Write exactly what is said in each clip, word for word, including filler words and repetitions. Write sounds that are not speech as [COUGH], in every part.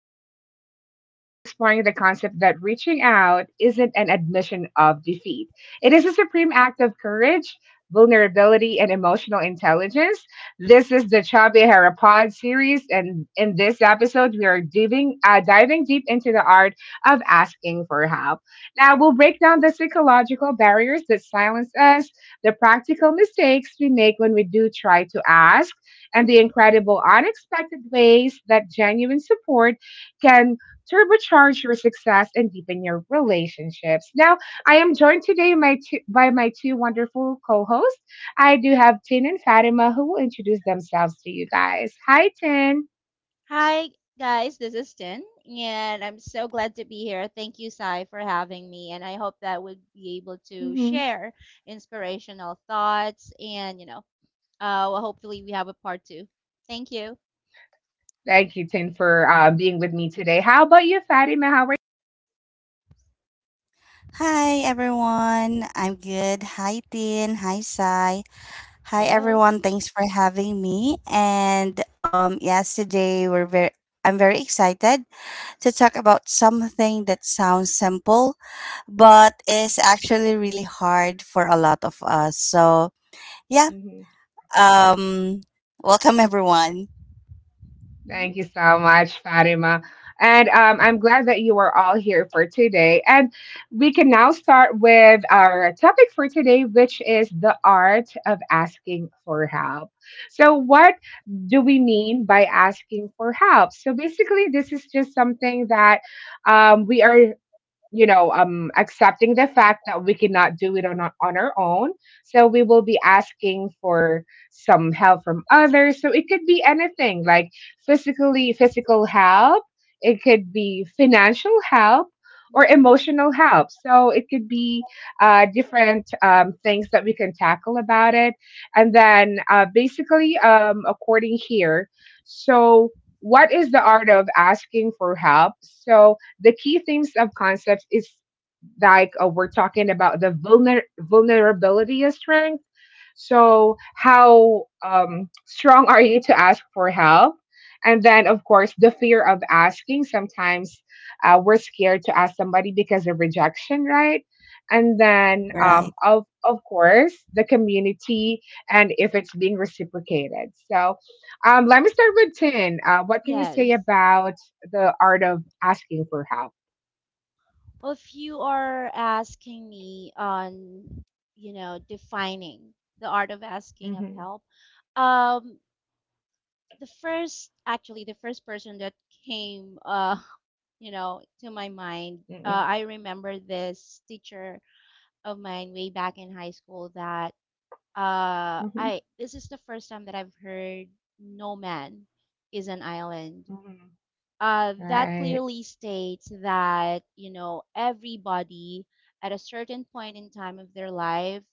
narrative. We are exploring the concept that reaching out isn't an admission of defeat, it is a supreme act of courage, vulnerability, and emotional intelligence. This is the Chabi Hera Pod series, and in this episode, we are diving, uh, diving deep into the art of asking for help. Now, we'll break down the psychological barriers that silence us, the practical mistakes we make when we do try to ask, and the incredible unexpected ways that genuine support can turbocharge your success and deepen your relationships. Now, I am joined today my two, by my two wonderful co-hosts. I do have Tin and Fatima, who will introduce themselves to you guys. Hi, Tin. Hi, guys. This is Tin, and I'm so glad to be here. Thank you, Sai, for having me, and I hope that we'll be able to hmm share inspirational thoughts, and you know, uh, well, hopefully we have a part two. Thank you. Thank you, Tin, for uh, being with me today. How about you, Fatima? How are Hi everyone, I'm good. Hi Tin, hi Sai. Hi Hello. everyone, thanks for having me. And um yes, today we're very I'm very excited to talk about something that sounds simple but is actually really hard for a lot of us. So, yeah, you? um welcome everyone. Hmm. Thank you so much, Fatima. And um, I'm glad that you are all here for today. And we can now start with our topic for today, which is the art of asking for help. So, what do we mean by asking for help? So, basically, this is just something that um, we are you know, um, accepting the fact that we cannot do it on, our- on our own. So we will be asking for some help from others. So it could be anything like physically, physical help. It could be financial help or Hmm. emotional help. So it could be uh, different um, things that we can tackle about it. And then uh, basically, um, according here, so what is the art of asking for help? So the key themes of concepts is like uh, we're talking about the vulner- vulnerability of strength. So how um, strong are you to ask for help? And then, of course, the fear of asking. Sometimes uh, we're scared to ask somebody because of rejection, right? And then, um, Right. of of course, the community and if it's being reciprocated. So, um, let me start with Tin. Uh, what can you say Yes. about the art of asking for help? Well, if you are asking me on, you know, defining the art of asking of Mhm. help, um, the first actually the first person that came uh [LAUGHS] you know to my mind, Mm-mm. uh, I remember this teacher of mine way back in high school that uh Hmm. I this is the first time that I've heard no man is an island, Mhm. uh, that Right. clearly states that, you know everybody at a certain point in time of their life,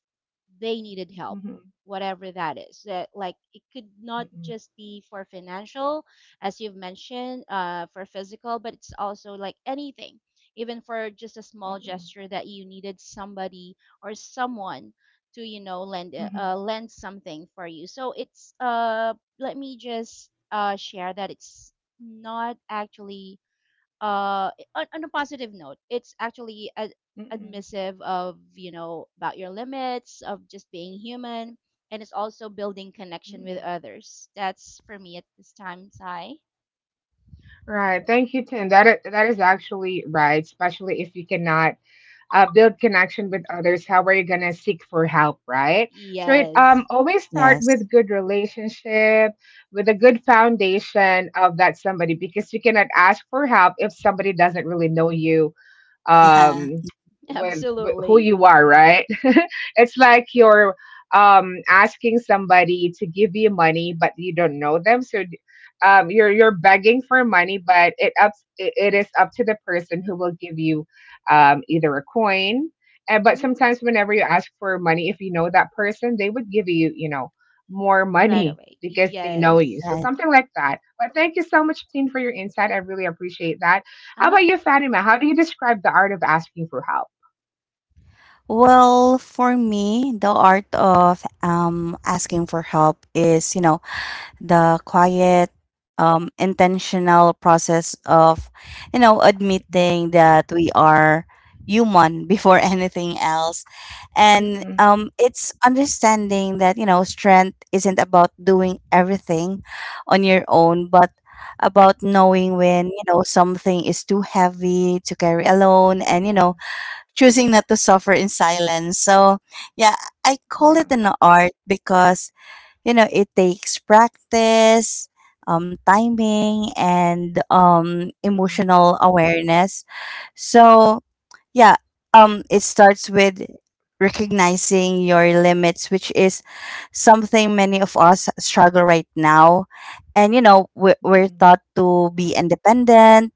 they needed help. Mhm. Whatever that is, that, like, it could not Mm-mm. just be for financial, as you've mentioned, uh, for physical, but it's also like anything, even for just a small Mm-mm. gesture that you needed somebody or someone to, you know lend uh, Mhm. uh, lend something for you. So it's uh let me just uh share that it's not, actually, uh on, on a positive note, it's actually ad- Mm-mm. admissive of, you know about your limits of just being human. And it's also building connection with Mm-mm. others. That's for me at this time, Sai. Right. Thank you, Tim. That is, that is actually right, especially if you cannot uh, build connection with others. How are you gonna seek for help, right? So it Yes. um always start with Yes. good relationship, with a good foundation of that somebody, because you cannot ask for help if somebody doesn't really know you um [LAUGHS] [LAUGHS] with, with who Absolutely. you are, right? [LAUGHS] It's like you're um asking somebody to give you money, but you don't know them, so um you're you're begging for money, but it up it it is up to the person who will give you um either a coin. And but Mm-hmm. sometimes whenever you ask for money, if you know that person, they would give you, you know, more Right money away, because they know you, yes. Yeah. so Right. something like that. But thank you so much, Tin, for your insight. I really appreciate that. How about Uh-huh. you, Fatima? How do you describe the art of asking for help? Well, for me, the art of um asking for help is, you know, the quiet, um, intentional process of, you know, Mm-mm. admitting that we are human before [LAUGHS] anything else. And Mm-mm. um it's understanding that, you know, strength isn't about doing everything on your own, but about Mm-hmm. knowing when, you know, something is too heavy to carry alone, and, you Yeah. know, choosing not to suffer in silence. So, yeah, I call Yeah. it an art because, you know, it takes practice, um, timing, and um, Mm-mm. emotional awareness. So, yeah, um, it starts with recognizing your limits, which is something many of us struggle right now. And, you know, we're, we're Mm-mm. taught to be independent,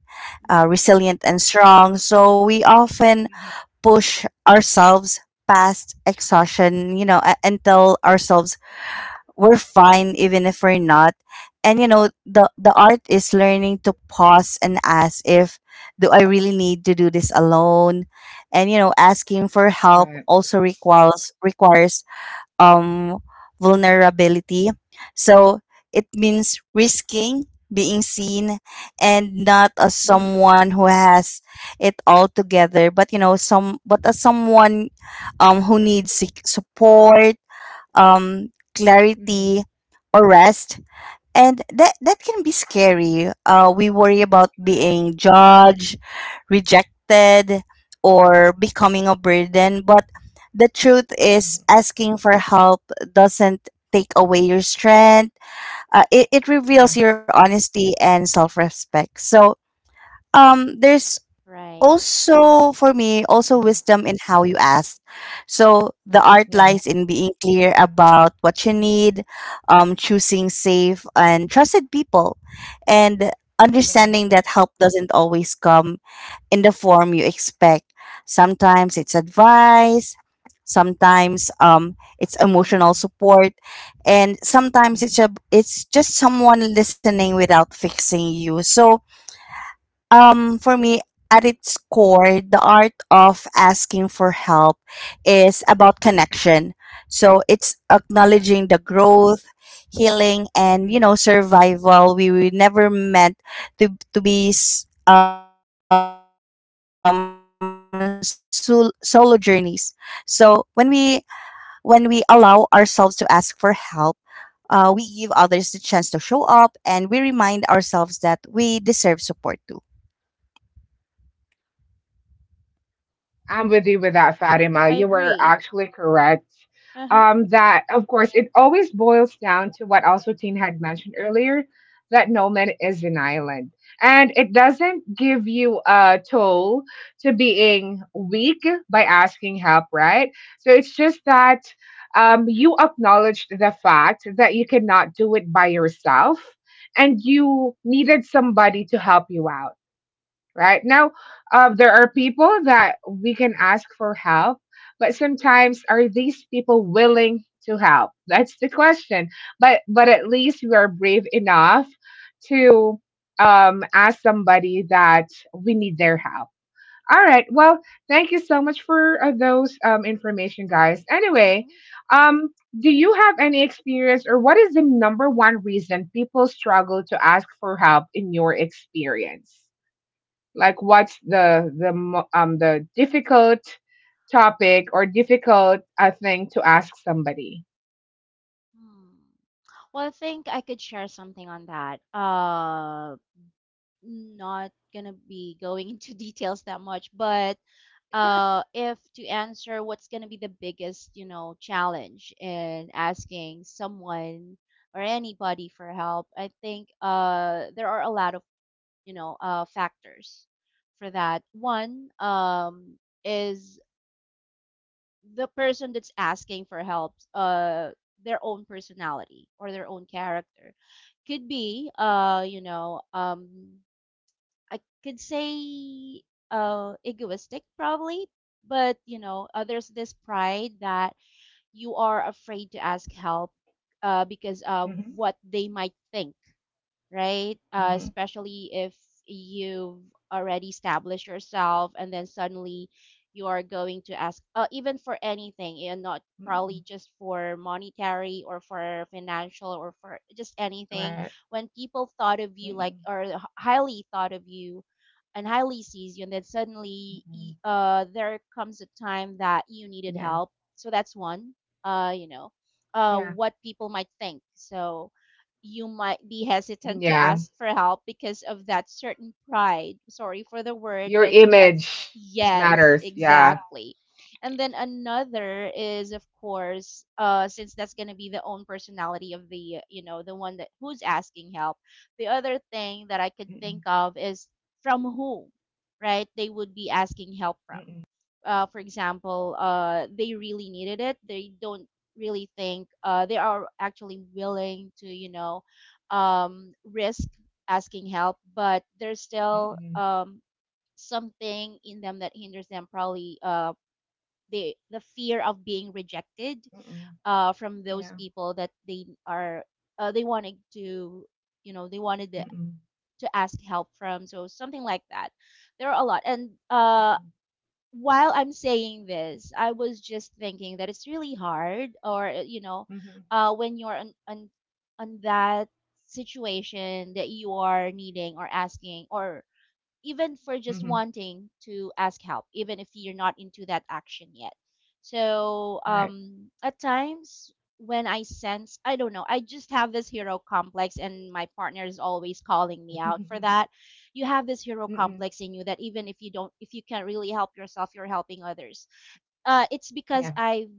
uh, Mm-hmm. resilient, and strong. So, we often push ourselves past exhaustion, you know, a- and tell ourselves we're fine even if we're not. And you know, the the art is learning to pause and ask, if do I really need to do this alone? And you know, asking for help Right. also requires requires um, vulnerability. So it means risking being seen, and Mm-hmm. not as Mm-hmm. someone who has it all together, but you know, some but as someone um, who needs sec- support, um, Mm-hmm. clarity, or rest, and that that can be scary. Uh, we worry about Right. being judged, rejected, or becoming a burden. But the truth is, Mm-hmm. asking for help doesn't take away your strength. Uh, it it reveals Yeah. your honesty and self respect. So um, there's Right. also for me also Mm-mm. wisdom in how you ask, so the art Yeah. lies in being clear about what you need, um, choosing safe and trusted people, and Yeah. understanding that help doesn't always come in the form you expect. Sometimes it's advice, sometimes um, it's emotional Mm-mm. support, and sometimes it's Mm-hmm. a, it's just someone listening without fixing you. So um for me, at its core, the art of asking for help is about connection. So it's Yeah. acknowledging the growth, healing, and you know Mm-hmm. survival. We were never meant to to be s- um sol- solo journeys. So when we when we allow ourselves to ask for help, uh, we give others the chance to show up, and we remind ourselves that we deserve support too. I'm with you with that, Fatima. I You were agree. actually correct. Uh-huh. Um, that of course it always boils down to what also Teen had mentioned earlier, that no man is an island. And it doesn't give you a toll to being weak by asking help, right? So it's just that um, you acknowledged the fact that you cannot do it by yourself and you needed somebody to help you out right now. Um, there are people that we can ask for help, but sometimes, are these people willing to help? That's the question. but but at least we are brave enough to um, ask somebody that we need their help. All right. Well, thank you so much for uh, those um, information, guys. Anyway, Mm-hmm. um, do you have any experience, or what is the number one reason people struggle to ask for help in your experience? Like, what's the the mo- um the difficult topic or difficult uh, thing to ask somebody? Hmm. Well, I think I could share something on that. Uh. Not gonna be going [LAUGHS] into details that much, but, uh, if to answer what's gonna be the biggest, you know, challenge in asking someone or anybody for help, I think, uh, there are a lot of, you know, uh, factors for that. One, um, is the person that's asking for help, uh, their own personality or their own character could be, uh you know um I could say, uh, egoistic, probably. But, you know, uh, there's this pride that you are afraid to ask help, uh, because of Mm-hmm. what they might think, right? Uh, Mm-hmm. Especially if you've already established yourself, and then suddenly you are going to ask, uh, even for anything, and not probably Mm-mm. just for monetary or for financial or for just anything. Right. When people thought of you, like, Mm-mm. or h- highly thought of you, and highly sees you, and then suddenly Mm-mm. y- uh, there comes a time that you needed Yeah. help. So that's one, uh, you know, uh, Yeah. what people might think. So you might be hesitant to Yeah. ask for help because of that certain pride. Sorry for the word, Your but that's image yes, matters, yeah. exactly. And then another is, of course, uh, since that's gonna be the own personality of the, you know, the one that who's asking help. The other thing that I could think Mm-mm. of is, from who, right? They would be asking help from. Mm-mm. Uh, for example, uh, they really needed it. They don't really think, uh, they are actually willing to, you know um, risk asking help, but there's still, Mm-mm. um, something in them that hinders them, probably, uh, the the fear of being rejected, Mm-mm. uh, from those Yeah. people that they are uh, they wanted to you know they wanted to, Mm-mm. to ask help from. So something like that. There are a lot. And, uh, Mm-mm. while I'm saying this, I was just thinking that it's really hard, or, uh, you know, Mm-hmm. uh, when you're on on on that situation that you are needing or asking, or even for just Mm-hmm. wanting to ask help, even if you're not into that action yet. So, Right. um, at times when I sense, I don't know, I just have this hero complex, and my partner is always calling me out for [LAUGHS] that. You have this hero Mm-mm. complex in you that even if you don't, if you can't really help yourself, you're helping others. Uh, it's because I've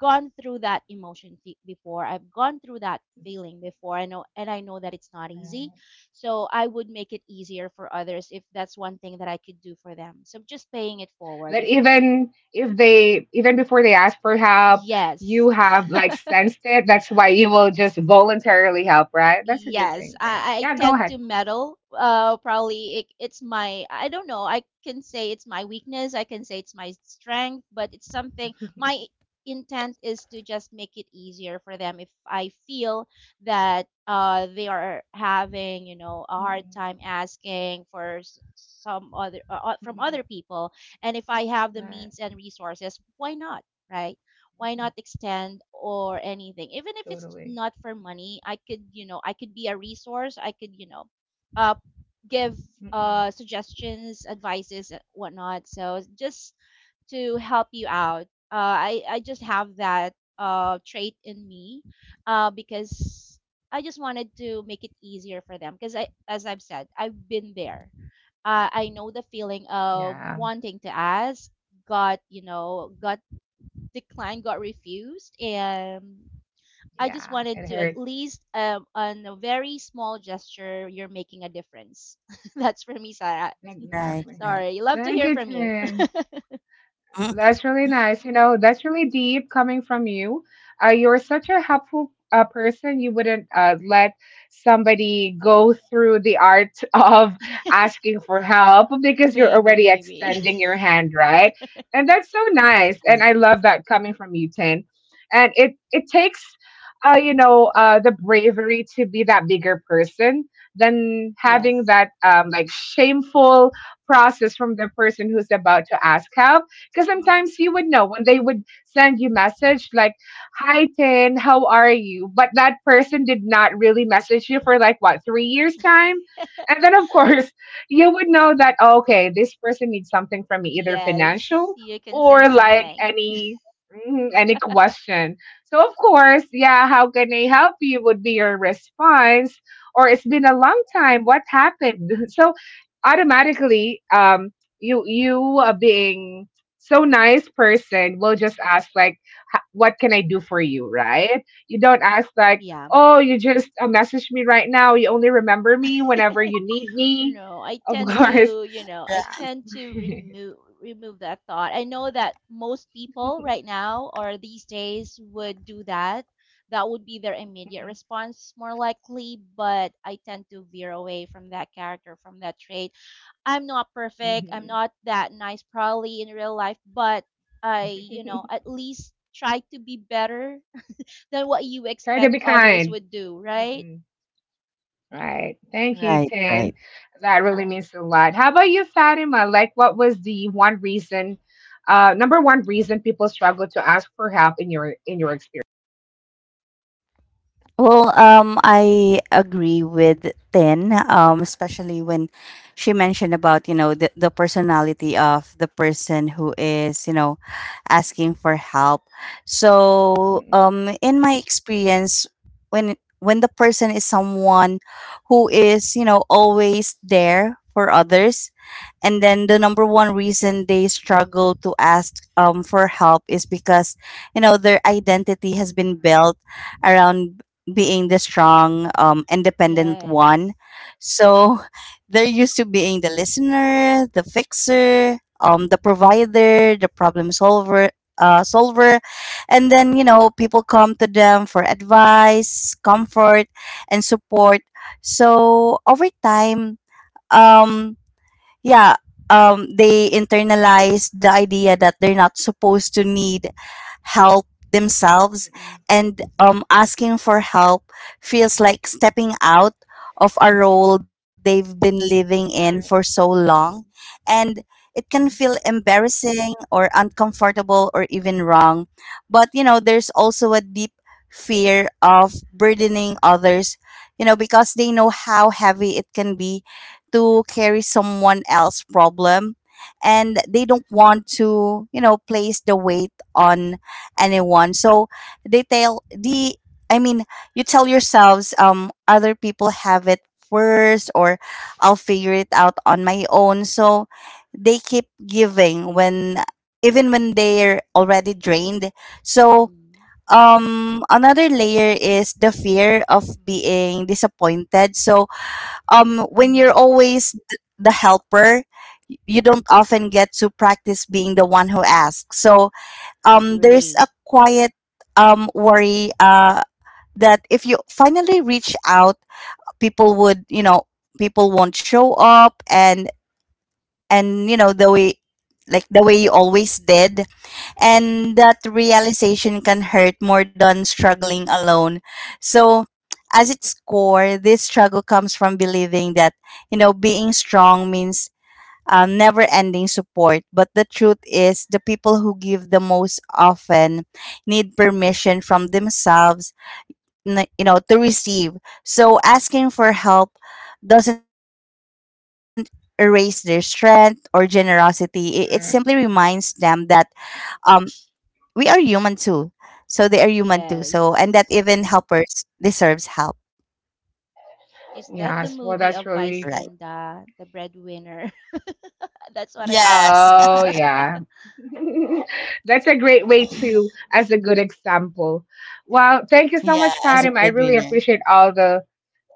gone through that emotion th- before. I've gone through that feeling before. I know, and I know that it's not easy. Yeah. So I would make it easier for others if that's one thing that I could do for them. So just paying it forward. But If y- even if they, even before they ask for help, Yes. you have like sensed it. That's why you will just voluntarily help, right? That's a good Yes, thing then. I, Yeah, I go tend ahead. to meddle. Uh, probably it, it's my, I don't know. I can say it's my weakness. I can say it's my strength, but it's something. Mhm. My intent is to just make it easier for them if I feel that, uh they are having, you know a hard Mhm. time asking for, s- some other, uh, uh, from Mhm. other people, and if I have the Right. means and resources, why not? Right? Why Mhm. not extend, or anything, even if it's Totally. not for money? i could you know I could be a resource. I could, you know uh give, Mm-mm. uh suggestions, advices, and whatnot, so just to help you out. uh i i just have that, uh trait in me, uh because I just wanted to make it easier for them, because, I as I've said, I've been there. uh, I know the feeling of Yeah. wanting to ask, got you know got declined, got refused, and I just Yeah. wanted It to, at hurts. least, um, on a very small gesture, you're making a difference. [LAUGHS] That's for me, Sarah. Right, Exactly. right. Sorry, love to Thank hear you, from you. Tin. That's really nice. You know, that's really deep coming from you. Uh, you're such a helpful uh, person. You wouldn't uh, let somebody go through the art [LAUGHS] of [LAUGHS] asking for help because you're Maybe, already maybe. extending your hand, right? And that's so nice. And Yeah. I love that coming from you, Tin. And it it takes, uh, you know, uh, the bravery to be that bigger person than [LAUGHS] having Yes. that um, like shameful process from the person who's about to ask help, because Hmm. sometimes you would know when they would send you message like, "Hi Tin, how are you?" But that person did not really message you for like what, three years time, and then of course [LAUGHS] you would know that, "Oh, okay, this person needs something from [LAUGHS] me, either Yes, financial you can or sense like something. any mm, any question." So of course, yeah, "How can I help you?" would be your response. Or, "It's been a long time. What happened?" [LAUGHS] So automatically, um, you, you are being so nice person will just ask like, "Ha- what can I do for you," right? You don't ask like, Yeah. "Oh, you just uh, message me right now, you only remember me whenever [LAUGHS] you need me." No, I Of tend course, to, you know, I tend to yeah. remove remove that thought. I know that most people right [LAUGHS] now, or these days, would do that. That would be their immediate response more likely, but I tend to veer away from that character, from that trait. I'm not perfect. I'm Mhm. not that nice probably in real life, but I, you know, [LAUGHS] at least try to be better than what you Try to expect be others kind. would do, right? Mm-mm. Right. Thank you, Right, Tin. right. That Uh-huh. really means a lot. How about you, Fatima? Like, what was the one reason, uh, number one reason people struggle to ask for help in your, in your experience? Well, um, I agree with Tin, um, especially when she mentioned about, you know, the, the personality of the person who is, you know, asking for help. So, Mm-mm. um, in my experience, when when the person is someone who is, you know, always there for others, and then the number one reason they struggle to ask um, for help is because, you know, their identity has been built around being the strong, um, independent one. Yes. So [LAUGHS] they're used to being the listener, the fixer, um, the provider, the problem solver. Uh, solver and then you know people come to them for advice, comfort, and support. So over time, um yeah, um they internalize the idea that they're not supposed to need help themselves. Mm-mm. And um asking for help feels like stepping out of a role they've been living in for so long, Mm-hmm. and it can feel Mhm. embarrassing or uncomfortable or even wrong. But you know there's also a deep fear of burdening others, you know because they know how heavy it can be to carry someone else's problem, and they don't want to you know place the weight on anyone. So they tell the, i mean you tell yourselves, um other people have it first, or I'll figure it out on my own. So they keep giving when even when they're already drained. So Mm. um another layer is the fear of being disappointed. So um when you're Mhm. always th- the helper, y- you don't often get to practice being the one who asks. So um there's Agree. a quiet um worry uh that if you finally reach out, people would you know people won't show up, and and you know the way like the way you always did, and Hmm. that realization can hurt more than struggling alone. So, as its core, this struggle comes from believing that, you know, being strong means um, never ending support. But the truth is, the people who give the most often need permission from themselves, n- you know, to receive. So, asking for help doesn't erase their strength or generosity. It, it simply reminds them that Mm. um, we are human too. So they are human too. So and that even Yes. helpers deserves help, Is that the Yes, well, movie that's of right? Vice really. Ganda, The Breadwinner? [LAUGHS] That's what I Yes. recall. [LAUGHS] Oh, yeah. [LAUGHS] That's a great way to, as a good example. Well, thank you so Yeah, much, as a Fatima. I really breadwinner. appreciate all the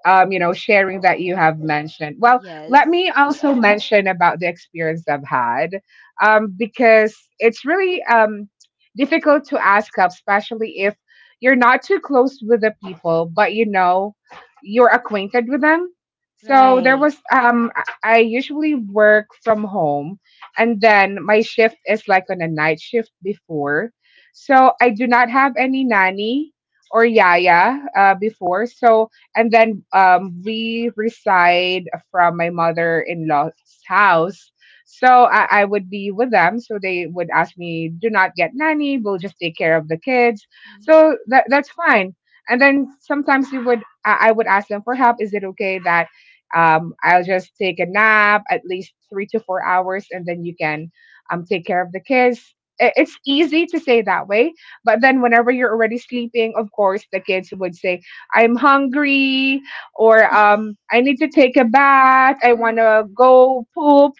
um, you know, sharing that you have mentioned. Well, let Yes. me also mention about the experience I've had um, because it's really um, difficult to ask up, especially if you're not too close with the people, but you know, you're acquainted with them. So there Right. was, um, I I usually work from home, and then my shift is like on a night shift before. So I do not have any nanny or yaya uh, before. So and then um, we reside from my mother in law's house. So I, I would be with them. So they would ask me, do not get nanny, we'll just take care of the kids. Hmm. So that, that's fine. And then sometimes we would, I, I would ask them for help. "Is it okay that um, I'll just take a nap at least three to four hours, and then you can um, take care of the kids?" I- It's easy to say that way, but then whenever you're already sleeping, of course, the kids would say, "I'm hungry," or, "um, I need to take a bath. I want Hmm. to go poop."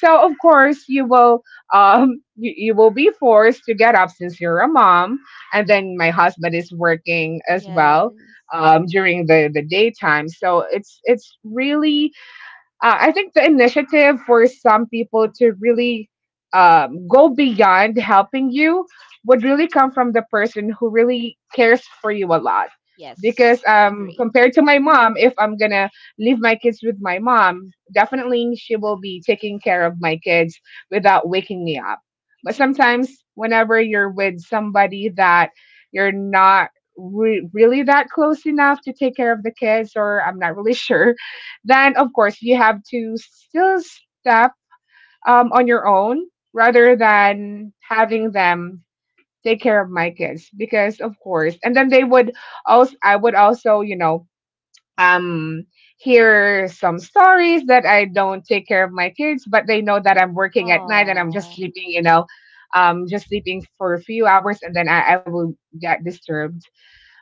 So of course you will um, you, you will be forced to get up since you're a mom. And then my husband is working [LAUGHS] as well Yes. um, during the, the daytime. So it's it's really uh, I think the initiative for some people to really um, go beyond helping you would really come from the person who really cares for you a lot. Because Yes. um, Agree. compared to my mom, if I'm gonna leave my kids with my mom, definitely she will be taking care of my kids without waking me up. But sometimes, whenever you're with somebody that you're not re- really that close enough to take care of the kids, or I'm not really [LAUGHS] sure, then of course you have to still step um, on your own rather Hmm. than having them take care of my kids. Because of course, and then they would also, I would also, you know, um hear some stories that I don't take care of my kids, but they know that I'm working at night and I'm just Oh, sleeping, you know, um just sleeping for a few hours, and then i, I will get disturbed.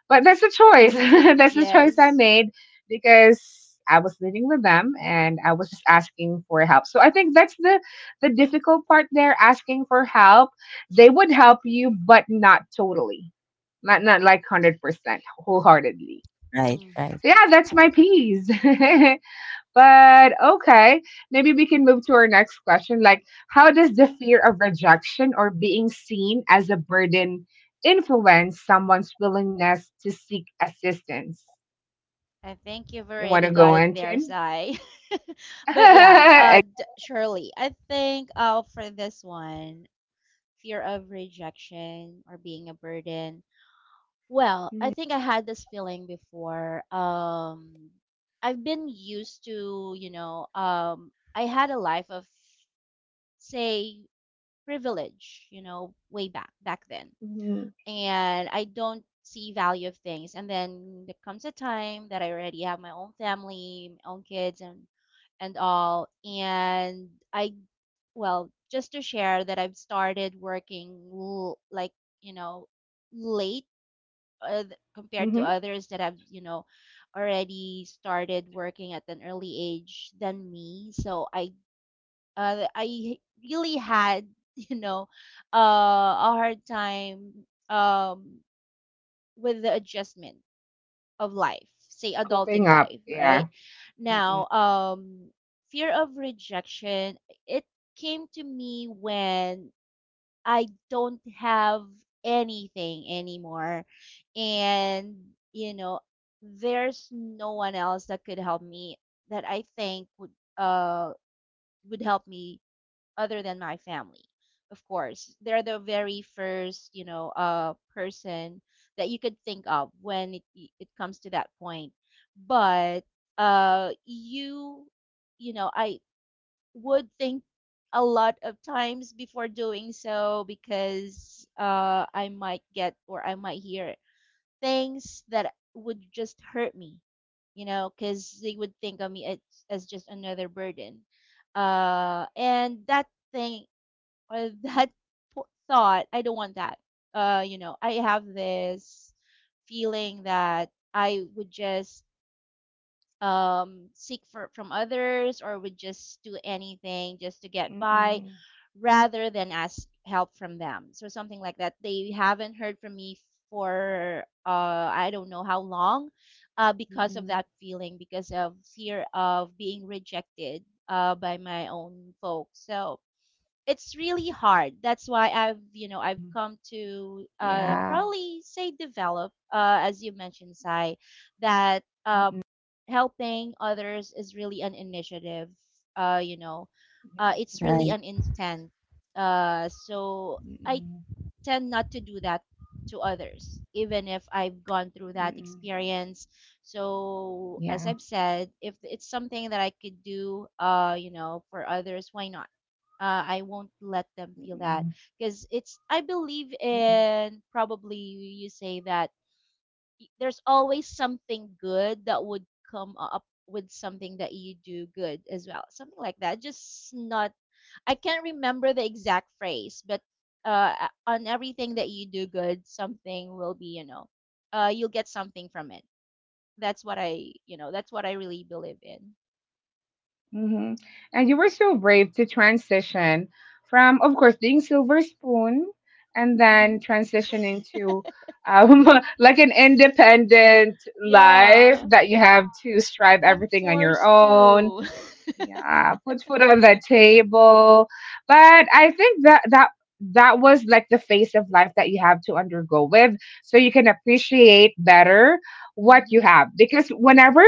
But that's a choice. [LAUGHS] That's the choice I yes. made, because I was living with them and I was just asking for help. So I think that's the the difficult part there, asking for help. They would help you, but not totally. Not not like one hundred percent wholeheartedly. Right, Hmm. right, So yeah, that's my piece. [LAUGHS] But okay, maybe we can move to our next question. Like, how does the fear of rejection or being seen as a burden influence someone's willingness to seek assistance? I think you've You want already to got go it in, there, Tin? Sai. [LAUGHS] But yeah, uh, [LAUGHS] d- surely. I think, uh for this one, fear of rejection or being a burden. Well, I think I had this feeling before. Um, I've been used to, you know, um, I had a life of, say, privilege, you know, way back, back then. Mm-hmm. And I don't see value of things. And then there comes a time that I already have my own family, my own kids, and and all, and i well, just to share that I've started working, l- like, you know, late, uh, th- compared to Mm-hmm. others that have, you know, already started working at an early age than me. So I uh, I really had, [LAUGHS] you know, uh, a hard time, um with the adjustment of life, say adulting Coping up. life, Yeah. right? Mm-mm. Now, um fear of rejection, it came to me when I don't have anything anymore. And, you know, there's no one else that could help me, that I think would uh would help me, other than my family. Of course, they're the very first, you know, uh person that you could think of when it it comes to that point. But, uh you you know, I would think a lot of times before doing so, because, uh, I might get or I might hear things that would just hurt me, you know, because they would think of me, as, as just another burden. Uh, and that thing, or [LAUGHS] that, po- thought, I don't want that. Uh, you know, I have this feeling that I would just, um seek for from others, or would just do anything just to get by, Mm-mm. rather than ask help from them. So something like that. They haven't heard from me for, uh, I don't know how long, uh, because of Mm-mm. that feeling, because of fear of being rejected, uh, by my own folks. So it's really hard. That's why I've, you know, I've Mm-mm. come to, uh, Yeah. probably say, develop, uh, as you mentioned, Sai, that, um, Mm-mm. helping others is really an initiative. Uh, you know, uh, Yeah. it's really right. an intent. Uh, so I Mm-mm. tend not to do that to others, even if I've gone through that Mm-mm. experience. So, as Yeah. I've said, if it's something that I could do, uh, you know, for others, why not? Uh, I won't let them feel that Mm-mm. because it's. I believe Mm-mm. in, probably you say, that there's always something good that would come up with something that you do good as well, something like that. Just not I can't remember the exact phrase, but, uh, on everything that you do good, something will be, you know, uh, you'll get something from it. That's what I, you know, that's what I really believe in. Hmm. And you were so brave to transition from, of course, being Silver Spoon and then Hmm. transitioning to [LAUGHS] um, [LAUGHS] like an independent life Yeah, that you have to strive I'm everything on your forced own, to. yeah, put food on the table. But I think that that that was like the phase of life that you have to undergo with, so you can appreciate better [LAUGHS] what Hmm. you have. Because whenever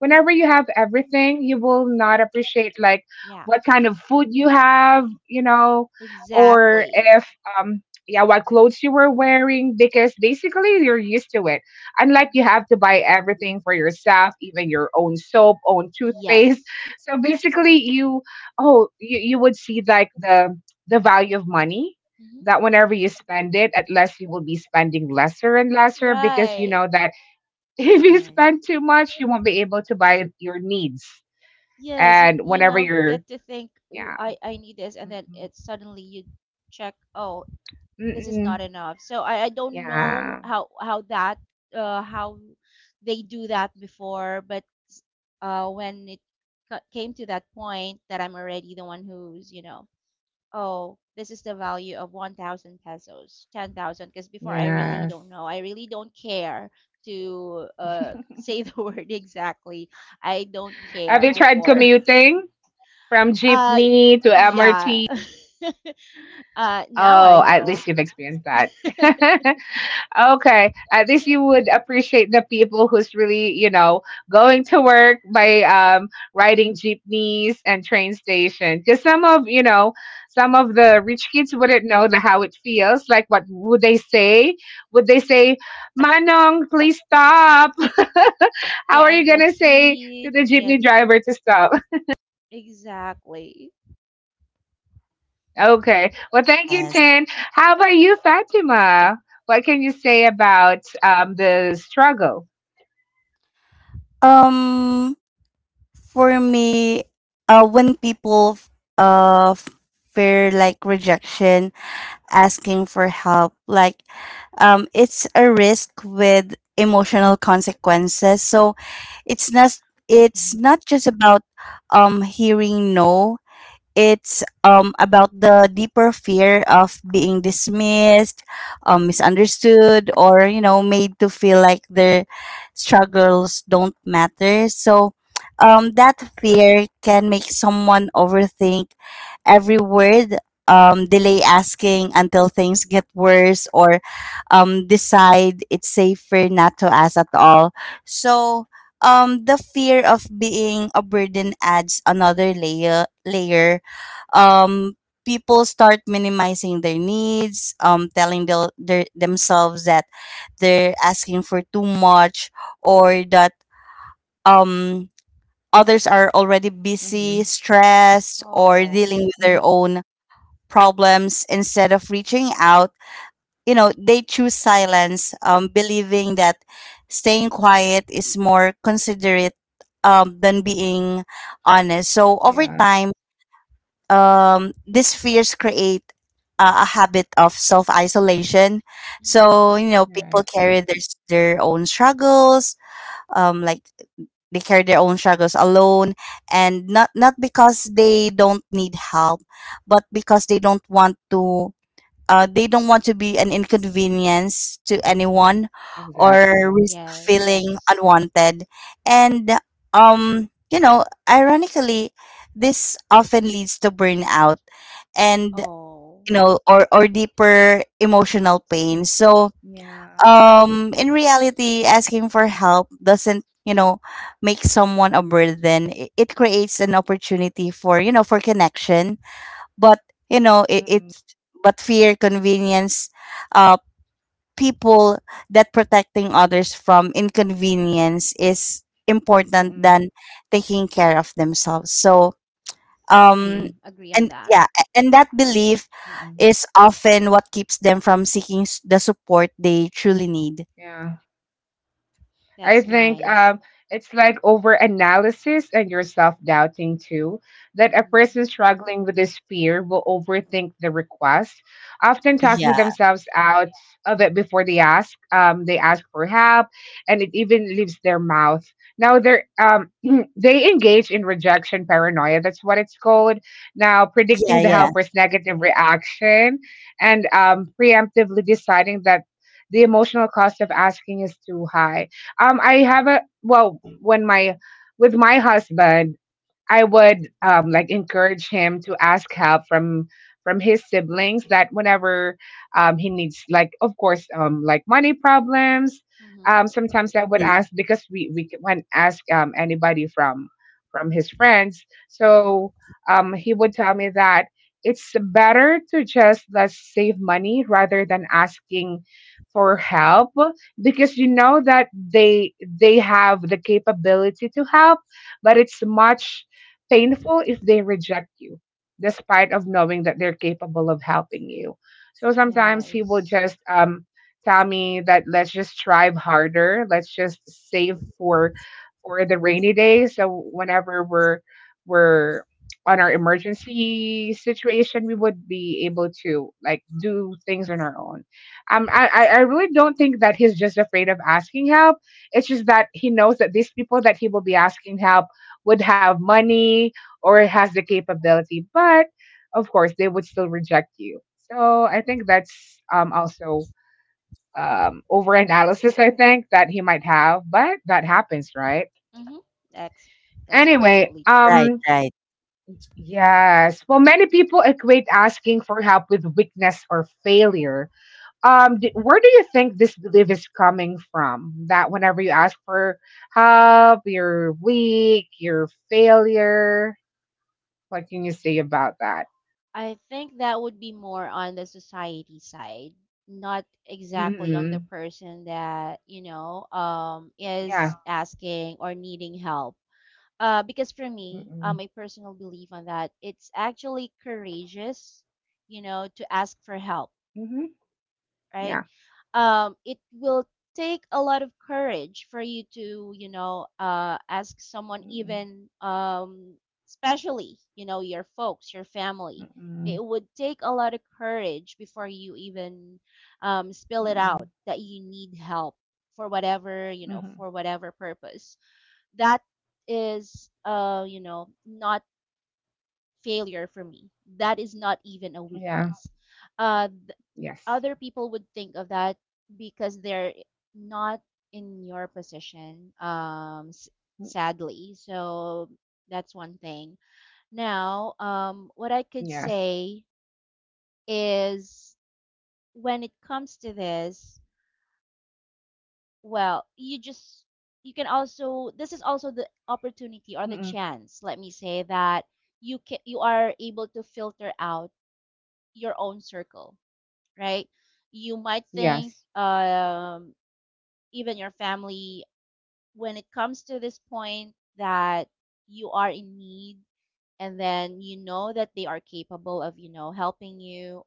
whenever you have everything, you will not appreciate like Yeah, what kind of food you have, you know, or exactly. if um yeah, what clothes you were wearing, because basically you're used to it, unlike you Hmm. have to buy everything for yourself, even your own soap, own toothpaste. Yes. So basically, you oh you, you would see like the the value of money, Hmm. that whenever you spend it, at least you will be spending lesser and lesser because you Right. know that [LAUGHS] if you Right. spend too much, you won't be able to buy your needs. Yes, you And you whenever now you're, get to think, oh, yeah, I I need this, and then mm-mm, it suddenly you check, oh, this is mm-mm, not enough. So I, I don't know yeah, how how that uh, how they do that before, but uh, when it came to that point that I'm already the one who's you know oh this is the value of one thousand pesos ten thousand because before I really yes, don't know I really don't care to [LAUGHS] uh, [LAUGHS] say the word exactly I don't have care you tried before commuting from uh jeepney to yeah M R T? [LAUGHS] uh now I Oh, at know least you've experienced that. [LAUGHS] Okay. At least you would appreciate the people who's really, you know, going to work by um riding jeepneys and train station. Because some of, you know, some of the rich kids wouldn't know the, how it feels. Like what would they say? Would they say, Manong, please stop? [LAUGHS] How are Yeah, you and the gonna say to heat the jeepney and driver to stop? [LAUGHS] exactly. Okay. Well, thank you, Yes. Tin. How about you, Fatima? What can you say about um the struggle? Um, for me, uh, when people f- uh f- fear like rejection, asking for help, like, um, it's a risk with emotional consequences. So it's not it's not just about um hearing no. It's um about the deeper fear of being dismissed, um, misunderstood, or you know made to feel like their struggles don't matter. So, um, that fear can make someone overthink every word, um, delay asking until things get worse, or um, decide it's safer not to ask at all. So um, the fear of being a burden adds another layer layer um, people start minimizing their needs, um, telling their, their, themselves that they're asking for too much, or that um, others are already busy, Mhm. stressed, or Oh. dealing with Mhm. their own problems instead of reaching out. You know, they choose silence, um, believing that staying quiet is more considerate um, than being honest. So over Yeah. time, um, these fears create uh, a habit of self isolation. So you Mhm. know, people Right. carry their their own struggles, um, like they carry their own struggles alone, and not not because they don't need help, but because they don't want to uh, they don't want to be an inconvenience to anyone or Exactly. risk feeling Yes. unwanted. And, um, you know, ironically, this often leads to burnout, and, Oh. you know, or, or deeper Mm. emotional pain. So, Yeah. um, in reality, asking for help doesn't, you know, make someone a burden. I- It creates an opportunity for, you know, for connection, but you know it, Mm-mm. it's but fear convenience uh people that protecting others from inconvenience is important Mm-mm. than taking care of themselves. So um Agree. Mhm. Agree on and that. yeah, a- and that belief Mm-mm. is often what keeps them from seeking s- the support they truly need. Yeah. I That's think nice. um, it's like over analysis and your self doubting too. That a person Mm. struggling with this fear will overthink the request, often talking Yeah, themselves out of it before they ask. Um, they ask for help, and it even leaves their mouth. Now they're um, [CLEARS THROAT] they engage in rejection paranoia. That's what it's called. Now predicting yeah, the yeah. helper's negative reaction and um, preemptively deciding that the emotional cost of asking is too high. um, I have a well, when my with my husband, I would um, like encourage him to ask help from from his siblings, that whenever um, he needs, like, of course, um, like money problems, Mhm. um, sometimes I would Mm, ask because we we can't ask um, anybody from from his friends. So um, he would tell me that it's better to just let's save money rather than asking for help, because you know that they they have the capability to help, but it's much painful if they reject you, despite of knowing that they're capable of helping you. So sometimes he will Yes. just um, tell me that let's just strive harder, let's just save for for the rainy day. So whenever we're we're on our emergency situation, we would be able to like do things on our own. Um, I, I I really don't think that he's just afraid of asking help. It's just that he knows that these people that he will be asking help would have money or has the capability, but of course they would still reject you. So I think that's um, also um, overanalysis. I think that he might have, but that happens, right? Mhm. That's that's Anyway, absolutely right, true. um, right. yes. Well, many people equate asking for help with weakness or failure. Um, d- where do you think this belief is coming from? That whenever you ask for help, you're weak, you're failure. What can you say about that? I think that would be more on the society side, not exactly on the Mm-mm. person that, you know, um Yeah. is asking or needing help Uh, because for Yeah. me, uh, Mm-mm. my personal belief on that, it's actually courageous, you know, to ask for help, Mhm. right? Yeah. Um, it will take a lot of courage for you to, you know, uh, ask someone, Mm-mm. even, um, especially, you know, your folks, your family. Mm-mm. It would take a lot of courage before you even um, spill it out Mm-mm. that you need help for whatever, you know, Mhm. for whatever purpose that is uh you know not failure for me that is not even a Yeah. weakness uh Yeah. Yes. other people would think of that because they're not in your position um s- Mm. sadly so that's one thing now um what I could Yes. say is when it comes to this well you just you can also this is also the opportunity or the Mm-mm. chance let me say that you can you are able to filter out your own circle right you might think Yes. um even your family when it comes to this point that you are in need and then you know that they are capable of you know helping you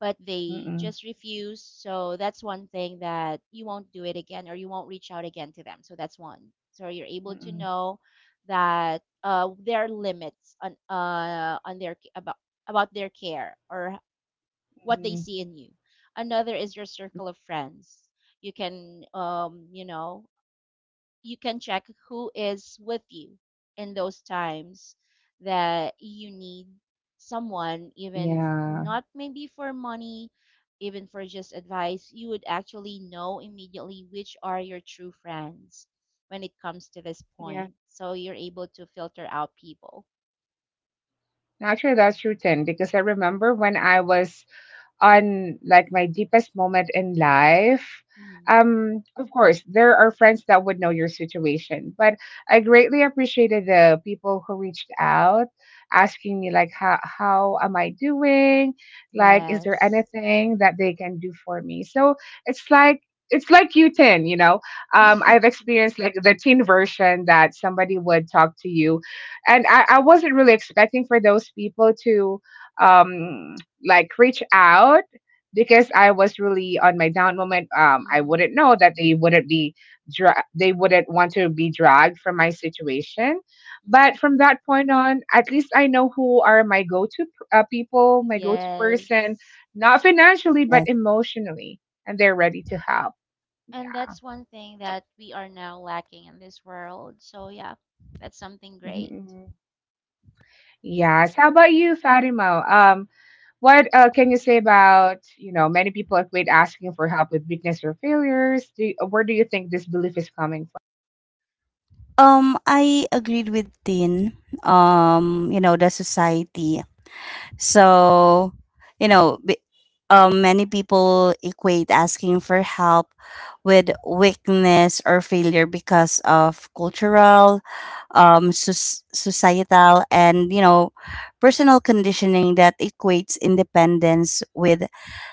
but they Mm-mm. just refuse. So that's one thing that you won't do it again or you won't reach out again to them. So that's one. So you're able to Mm-mm. know that uh, there are limits on uh, on their about about their care or what they Mhm. see in you. Another is your circle of friends. You can um, you know you can check who is with you in those times that you need someone even Yeah. not maybe for money even for just advice you would actually know immediately which are your true friends when it comes to this Yeah. point so you're able to filter out people Actually, that's true, Tin, because I remember when I was on like my deepest moment in life, hmm um, of course, there are friends that would know your situation, but I greatly appreciated the people who reached out asking me like how how am I doing? Like, is there yes anything that they can do for me? So it's like it's like you tin, you know. Um, I've [LAUGHS] experienced like the teen version that somebody would talk to you, and I, I wasn't really expecting for those people to um like reach out, because I was really on my down moment. Um, I mm-hmm. wouldn't know that they wouldn't be dra- they wouldn't want to be dragged from my situation. But from that point on, at least I know who are my go to uh, people, my go to yes person, not financially but Yes. emotionally, and they're ready to help. And Yeah. that's one thing that we are now lacking in this world. So yeah, that's something Mhm, great. mhm. Yes. How about you, Fatima? Um, What uh, can you say about, you know, many people avoid asking for help with weakness or failures? Do you, where do you think this belief is coming um I agreed with Tin. Um you know, the society. So, you know, b- um, many people equate asking for help with weakness or failure because of cultural, um, sus societal, and you know, personal conditioning that equates independence with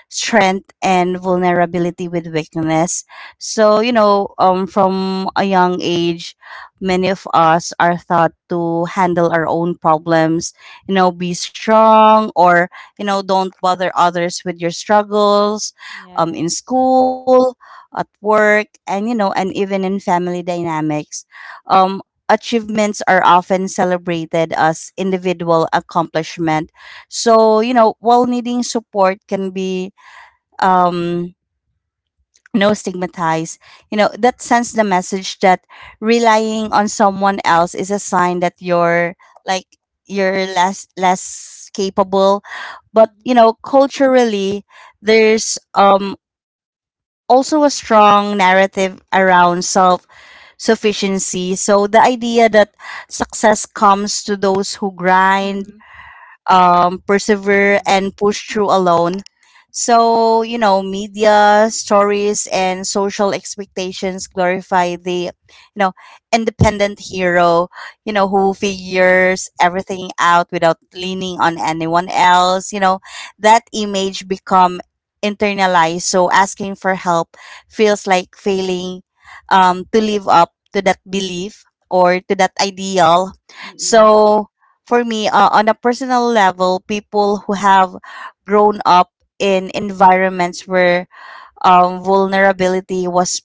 strength and vulnerability with weakness. So, you know, um, from a young age, many of us are taught to handle our own problems, you know, be strong, or, you know, don't bother others with your struggles, um, in Yes. school, at work, and, you know, and even in family dynamics. Um, Achievements are often celebrated as individual accomplishment. So, you know, while needing support can be um no stigmatized, you know, that sends the message that relying on someone else is a sign that you're like you're less less capable. But, you Hmm. know, culturally there's um also a strong narrative around self sufficiency. So the idea that success comes to those who grind, from? um, persevere, Mm-hmm. and push through alone. So, you know, media stories and social expectations glorify the, you know, independent hero, you know, who Mm-hmm. Mm-mm. figures everything out without leaning on anyone else. You know, that image become internalized. So asking for help feels like failing, um, to live up to that belief or to that ideal. Mm-mm. So for me, uh, on a personal level, people who have grown up in environments where um, vulnerability was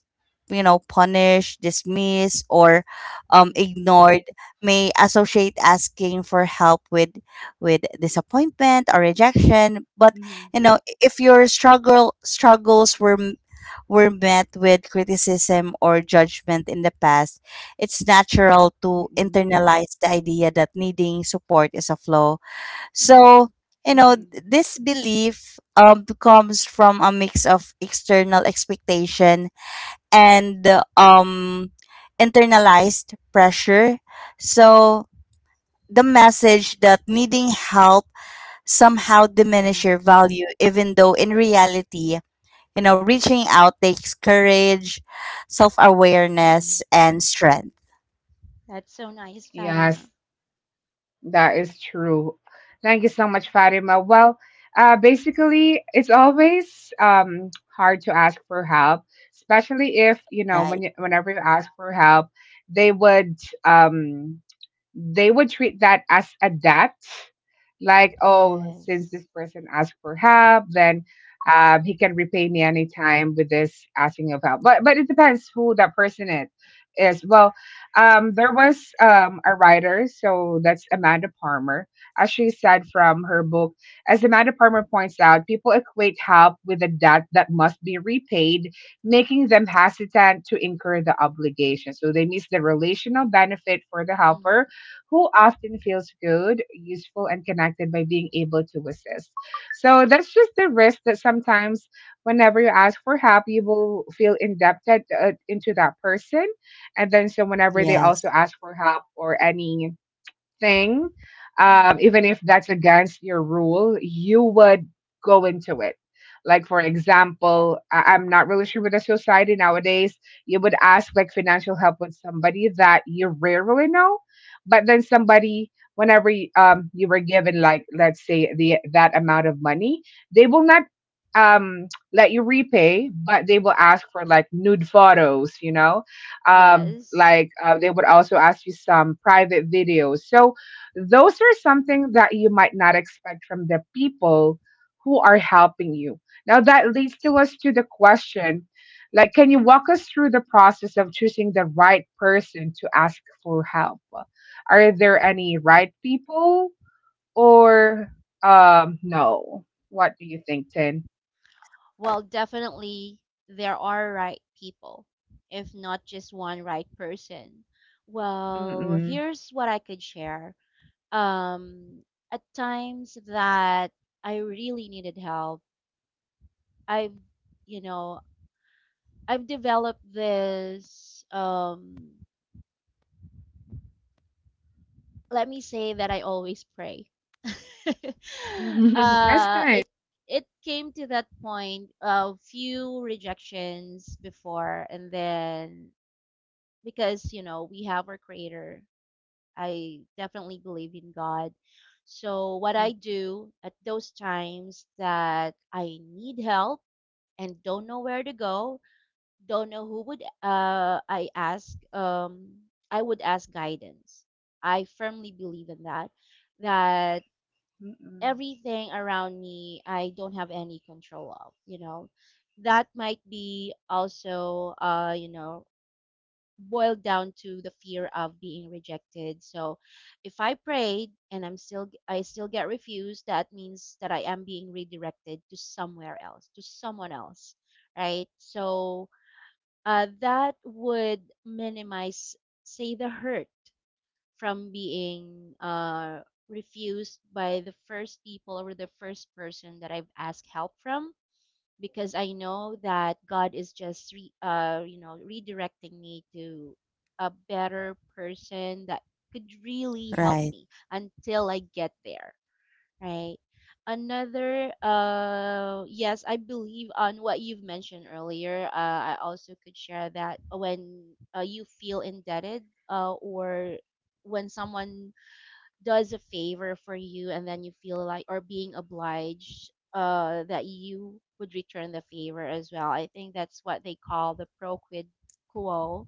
you know punished, dismissed, or um, Mm. Mm-mm. ignored, may associate asking for help with with disappointment or rejection. But Mm-mm. you know if your struggle struggles were m- were met with criticism or judgment in the past, it's natural to Mm-mm. internalize the idea that needing support is a flaw. So, Mhm. you know, Mm-mm. th- this belief um, comes from a mix of external expectation and uh, um, internalized pressure. So, the message that needing help somehow diminish Mm-mm. your value, even though in reality, you know, reaching out takes courage, self Mm-mm. awareness, and strength. That's so nice, Fatima. Yes, that is true. Thank you so much, Fatima. Well, uh, basically, it's always um, hard to ask for help, especially if you know when Right. you, whenever you ask for help, they would. Um, they would treat that as a debt, like oh, since this Yes. person asked for help, then um, he can repay me anytime with this asking of help. but but it depends who that person is is well. Um, there was um, a writer, so that's Amanda Palmer. As she said from her book, as Amanda Palmer points out, people equate help with a debt that must be repaid, making them hesitant to incur the obligation, so they miss the relational benefit for the helper Mhm. who often feels good, useful, and connected by being able to assist. So that's just the risk that sometimes, whenever you ask for help, you will feel indebted uh, into that person. And then, so whenever they also Yes. ask for help or any thing, um, Mhm. even if that's against your rule, you would go into it. Like, for example, I- I'm not really sure with the society nowadays, you would ask like financial help with somebody that you rarely know, but then somebody, whenever y- um, you were given, like, let's say the that amount of money, they will not um let you repay, but they will ask for like nude photos, you know, um, Yes. like uh, they would also ask you some private videos. So those are something that you might not expect from the people who are helping you. Now that leads to us to the question, like, can you walk us through the process of choosing the right person to ask for help? Are there any right people or um no? What do you think, Tin? Well, definitely there are right people, if not just one right person. Well, Mm-mm. here's what I could share. Um, at times that I really needed help, I've, you know, I've developed this um let me say that I always pray. [LAUGHS] [LAUGHS] That's uh nice. it it came to that point of few rejections before and then because you know we have our creator I definitely believe in god so what I do at those times that I need help and don't know where to go don't know who would uh, I ask. Um, I would ask guidance. I firmly believe in that. That Mm-mm. everything around me, I don't have any control of. You know, that might be also, uh, you know, boiled down to the fear of being rejected. So, if I prayed and I'm still I still get refused, that means that I am being redirected to somewhere else, to someone else, right? So uh, that would minimize, say, the hurt from being uh, refused by the first people or the first person that I've asked help from, because I know that God is just, re- uh, you know, redirecting me to a better person that could really help Right. me until I get there. Right. Another, uh, yes, I believe on what you've mentioned earlier. Uh, I also could share that when uh, you feel indebted, uh, or when someone does a favor for you and then you feel like, or being obliged, uh, that you would return the favor as well. I think that's what they call the pro quid quo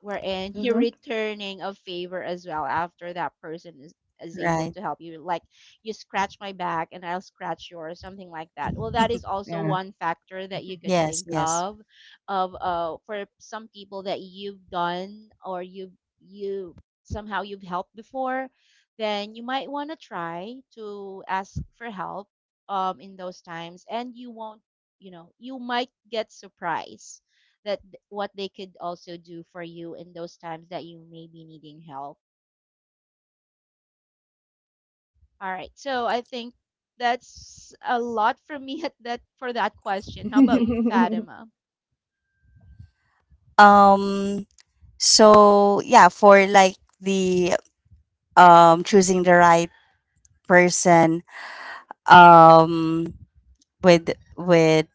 wherein [LAUGHS] you're Mm-hmm. returning a favor as well after that person is, is able Right. to help you. Like you scratch my back and I'll scratch yours, something like that. Well, that is [LAUGHS] also Yeah. one factor that you could [LAUGHS] Yes. think Yes. of, of uh, for some people that you've done or you you somehow you've helped before, then you might want to try to ask for help um in those times, and you won't, you know, you might get surprised that th- what they could also do for you in those times that you may be needing help. All right. So I think that's a lot from me at that for that question. How about you, [LAUGHS] Fatima? Um, So yeah, for like the um choosing the right person um with with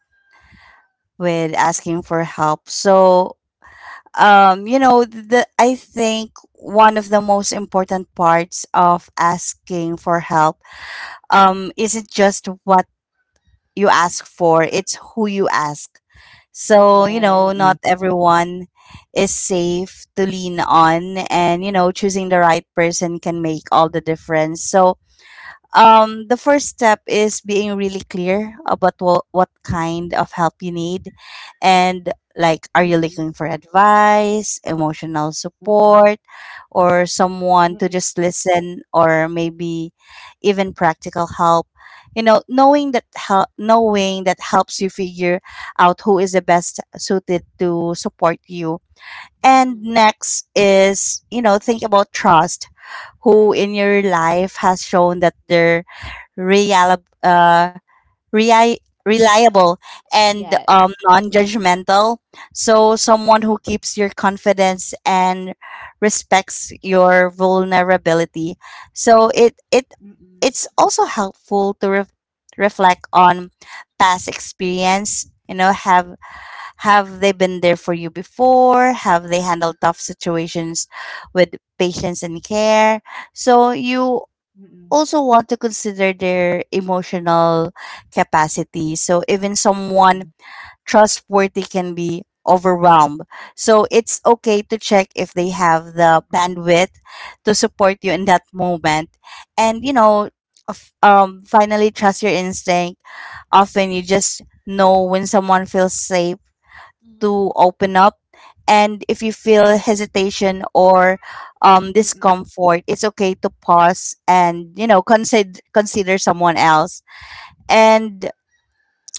with asking for help. So um you know the I think one of the most important parts of asking for help um isn't just what you ask for, it's who you ask. So, you know, Yes. not Mm. everyone is safe to lean on, and, you know, choosing the right person can make all the difference. So, um, the first step is being really clear about what, what kind of help you need, and like, are Mm, you looking mm, for advice, emotional mm, support, or someone to mm, just listen, or maybe even practical help? You know, knowing that help knowing that helps you figure out who is the best suited to support you. And Hmm. next is, you know, think about trust. Who in your life has shown that they're reliable, uh, reli- reliable and um, Yes. non-judgmental? So someone who keeps your confidence and respects your vulnerability. So it it mm, it's also helpful to ref reflect on past experience. You know, have have they been there for you before? Have they handled tough situations with patience and care? So you also want to consider their emotional capacity. So even mm, someone mm, trustworthy can be overwhelmed. So it's okay to check if they have the bandwidth to support you in that moment. And you know, of- um finally, trust your instinct. Often you just know when someone feels safe Hmm. to open up. And if you feel hesitation or um, mm. discomfort, it's okay to pause and, you know, consider, consider someone else. And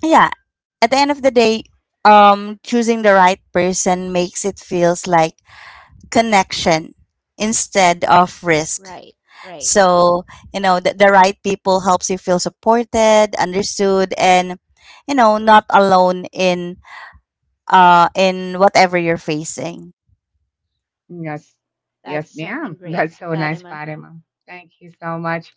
yeah, at the end of the day, um, choosing the right person makes it feels like connection instead of risk. Right. Right. So, you know, the, the right people helps you feel supported, understood, and, you know, not alone in uh in whatever you're facing. Yes. That's Yes, something ma'am. [LAUGHS] great, That's so nice, Fatima. Fatima. Thank you so much.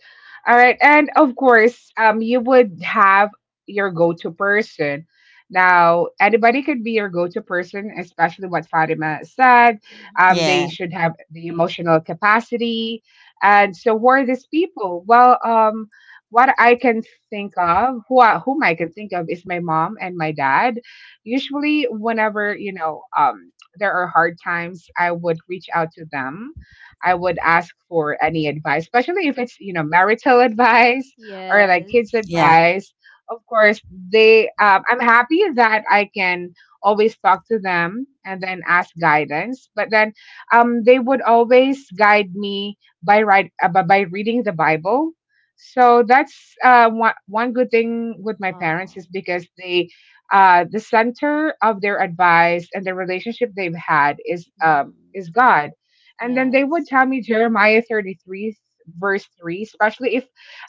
All right. And of course, um, you would have your go to person. Now, anybody could be your go to person, especially what Fatima said. Hmm. Um, they Yeah, should have the emotional capacity. And so, who are these people? Well, um, what I can think of, who I, whom I can think of, is my mom and my dad. Usually, whenever, you know, um, there are hard times, I would reach out to them. I would ask for any advice, especially if it's, you know, marital advice or like kids Yes. yeah, advice. Of course, they, um, I'm happy that I can always talk to them and then ask guidance, but then, um, they would always guide me by right, uh, by by reading the Bible. So that's uh, one, one good thing with my parents Oh. is because they uh, the center of their advice and the relationship they've had is um, Hmm. is God. And then they would Yes. tell me Jeremiah thirty-three verse three, especially if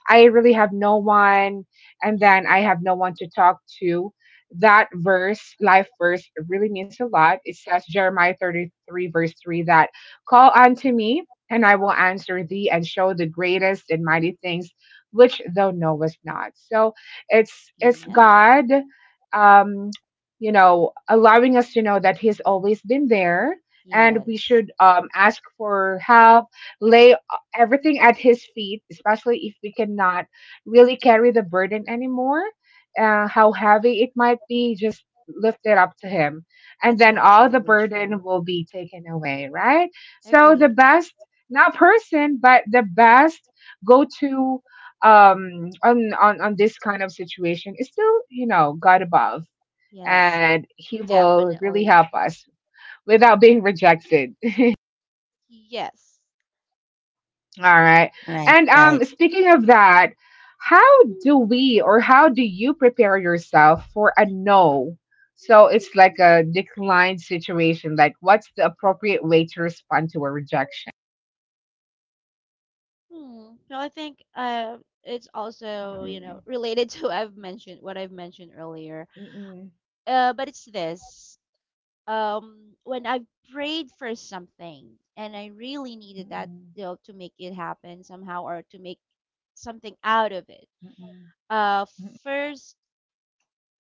I really have no one and then I have no one to talk to. That verse, life verse, really means a lot. It says Jeremiah thirty-three verse three that, call unto me and I will answer thee and show the greatest and mighty things which thou knowest not. So it's it's Amen. God, um, you know, allowing us to know that He's always been there, and we Yes. should um, ask for help, lay everything at His feet, especially if we cannot really carry the burden anymore, uh, how heavy it might be, just lift it up to Him. And That's then all the absolutely burden true. will be taken away, right? So the Agree. best, not person, but the best go to um on on on this kind of situation is still you know God above, Yes. and he will really Definitely. help us without being rejected. Yes. [LAUGHS] All right. right, And right. um speaking of that, how do we or how do you prepare yourself for a no? So it's like a decline situation. Like, what's the appropriate way to respond to a rejection? Hmm. So I think uh, it's also you Mm-mm, know related [LAUGHS] to I've mentioned what I've mentioned earlier. mm-mm, Uh, but it's this. Um, when I prayed for something and I really needed that mm-mm, deal to make it happen somehow or to make something out of it. mm-mm, Uh, mm-mm. first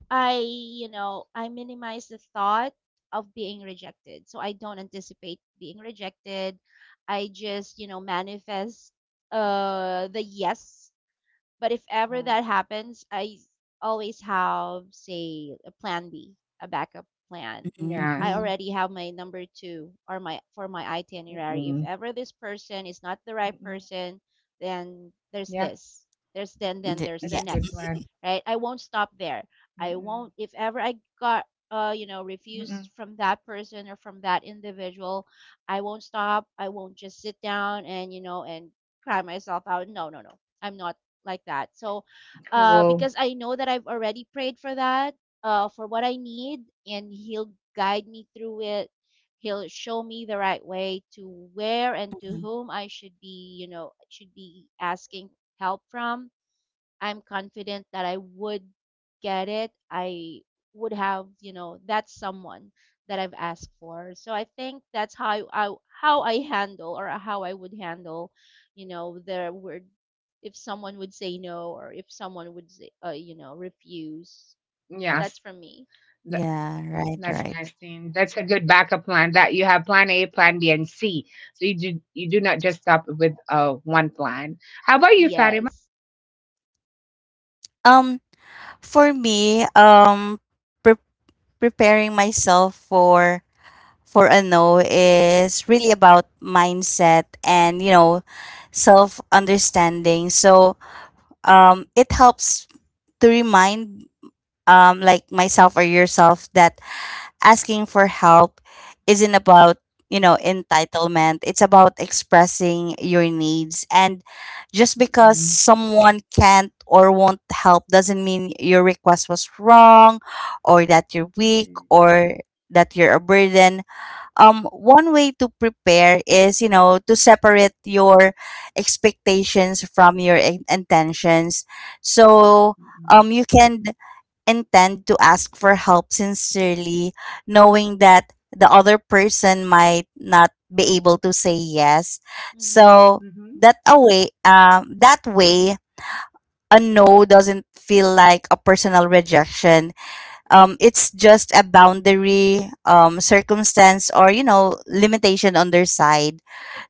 I, you know, I minimize the thought of being rejected. So I don't anticipate being rejected. I just, you know, manifest uh the yes but if ever Oh. that happens, I always have, say, a plan B, a backup plan. I Yes. Mm, already have my number two or my for my itinerary. If Mm-mm, ever this person is not the right mm-mm. person, then there's Yeah, this. There's then d then there's that's yeah, the a good next. plan. Right? I won't stop there. I Mm-mm. won't if ever I got uh, you know, Mm-mm. refused from that person or from that individual, I won't stop. I won't just sit down and, you know, and cry myself out. No, no, no. I'm not like that. So, uh, Cool. because I know that I've already prayed for that, uh, for what I need, and He'll guide me through it. He'll show me the right way to where and to mhm. whom I should be, you know, should be asking help from I'm confident that I would get it. I would have, you know, that someone that I've asked for. So I think that's how I, I how I handle or how I would handle, you know, the word if someone would say no or if someone would say, uh, you know, refuse. Yes. That's from me. That, Yeah, right, that's right. nice thing. That's a good backup plan that you have plan A, plan B, and C. So you do you do not just stop with uh one plan. How about you, Fatima? Yes. Um, for me, um, pre preparing myself for for a no is really about mindset and, you know, self-understanding. So, um, it helps to remind um like myself or yourself that asking for help isn't about, you know, entitlement. It's about expressing your needs. And just because Mm-mm. someone can't or won't help doesn't mean your request was wrong or that you're weak Mm-mm. or that you're a burden. Um, one way to prepare is, you know, to separate your expectations from your in- intentions. So Mm-mm. um, you can and tend to ask for help sincerely, knowing that the other person might not be able to say yes. Mhm. So Mhm. that a way, um, that way, a no doesn't feel like a personal rejection. Um, it's just a boundary, um, circumstance, or you know, limitation on their side.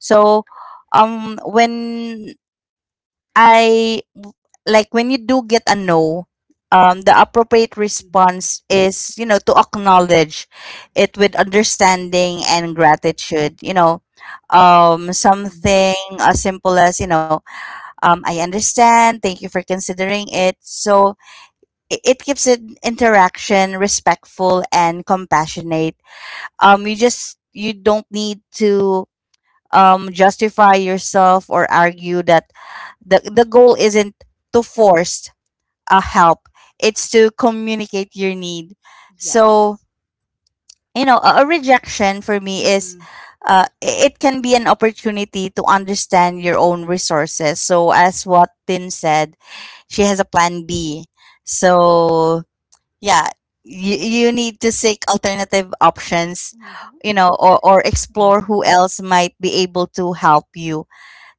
So, um, when I like when you do get a no, um, the appropriate Mhm. response is, you know, to acknowledge it with understanding and Mm-mm. gratitude. You know, um, Mm-mm. something as simple as, you know, um, I understand, thank you for considering it. So it, it keeps it interaction respectful and compassionate. Um, you just you don't need to um justify yourself or argue that the the goal isn't to force a help. It's to communicate your need. So, Yes. you know, a, a rejection for me is Mm-mm. uh, i- it can be an opportunity to understand your own resources. So as what Tin said, she has a plan B. So yeah, you, you need to seek alternative options, Mm-hmm. you know, or, or Yeah. explore who else might be able to help you.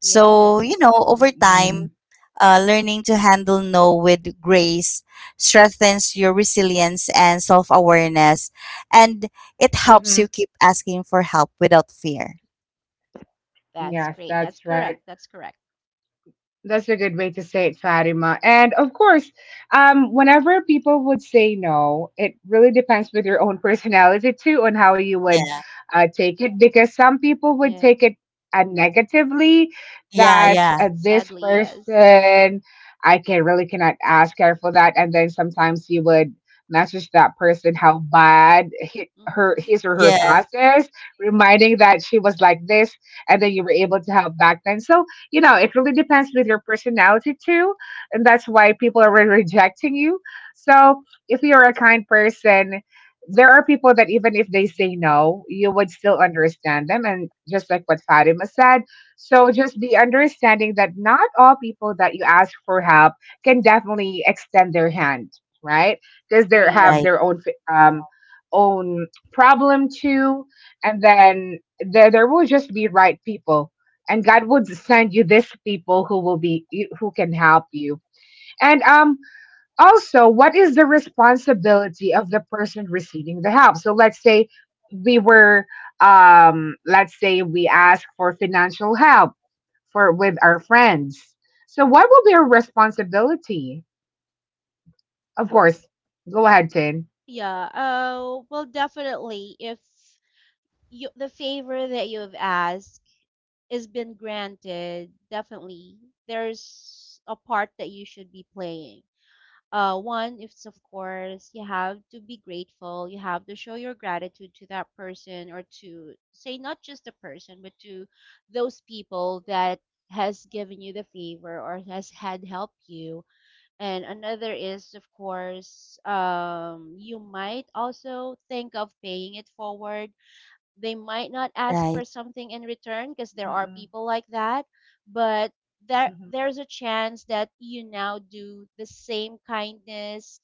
So, you know, over time, Mm-mm. uh, learning to handle no with grace strengthens your resilience and self awareness, and it helps you Mm-hmm. keep asking for help without fear. That's Yes, great. That's that's correct. right. That's correct. That's a good way to say it, Fatima. And of course, um, whenever people would say no, it really depends with your own [LAUGHS] personality too on how you would Yeah. uh, take it. Because some people would Yes. take it uh, negatively, Yeah. that Yeah. uh, this Sadly, yes. person, I can really cannot ask her for that. And then sometimes you would message that person how bad he, her Mm-hmm. his or her Yeah. past is, reminding that she was like this, and then you were able to help back then. So, you know, it really depends with your personality too. And that's why people are really rejecting you. So if you're a kind person, there are people that even if they say no, you would still understand them. And just like what Fatima said, so just the understanding that not all people that you ask for help can definitely extend their hand, right? Because they have Agree. Right, their own fi- um, own problem too, and then there there will just be right people, and God would send you these people who will be who can help you. And um also, what is the responsibility of the person receiving the help? So let's say we were um let's say we ask for financial help for with our friends. So what will be our responsibility? Of course. Go ahead, Tin. Yeah. Uh, well, definitely. If you, the favor that you've asked is been granted, definitely there's a part that you should be playing. Uh, one, it's of course you have to be grateful. You have to show your gratitude to that person, or to say not just the person, but to those people that has given you the favor or has had helped you and another is of course um you might also think of paying it forward they might not ask right, for something in return because there are Mm-mm, people like that but there mm-mm, there's a chance that you now do the same kindness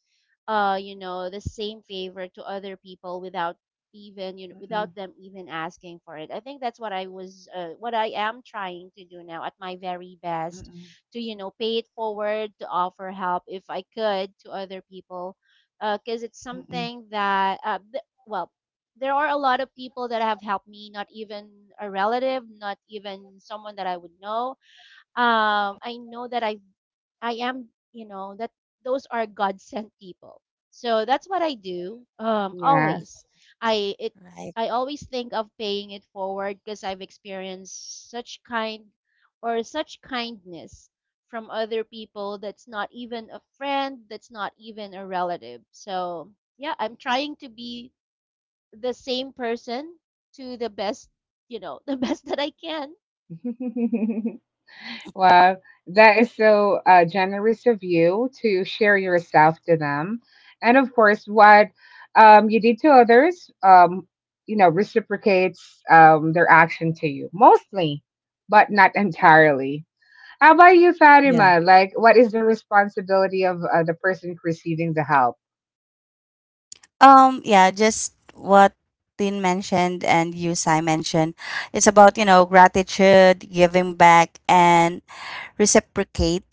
uh you know the same favor to other people without even you know without mm-mm, them even asking for it I think that's what I was uh, what I am trying to do now at my very best to you know pay it forward to offer help if I could to other people because it's mm-mm, mm-mm. something that uh, th- well there are a lot of people that have helped me not even a relative not even someone that I would know um, I know that i I am, you know, that those are God sent people. So that's what I do. Um, always, Yes. I it right. I always think of paying it forward because I've experienced such kind or such kindness from other people that's not even a friend, that's not even a relative. So yeah, I'm trying to be the same person to the best, you know, [LAUGHS] the best that I can. [LAUGHS] Wow, that is so uh, generous of you to share yourself to them. And of course, what um, you did to others, um, you know, reciprocates um, their action to you, mostly, but not entirely. How about you, Yeah. Fatima? Like, what is the responsibility of uh, the person receiving the help? Um, yeah, just what Tin mentioned and you, Sai, mentioned. It's about, you know, gratitude, giving back, and reciprocate.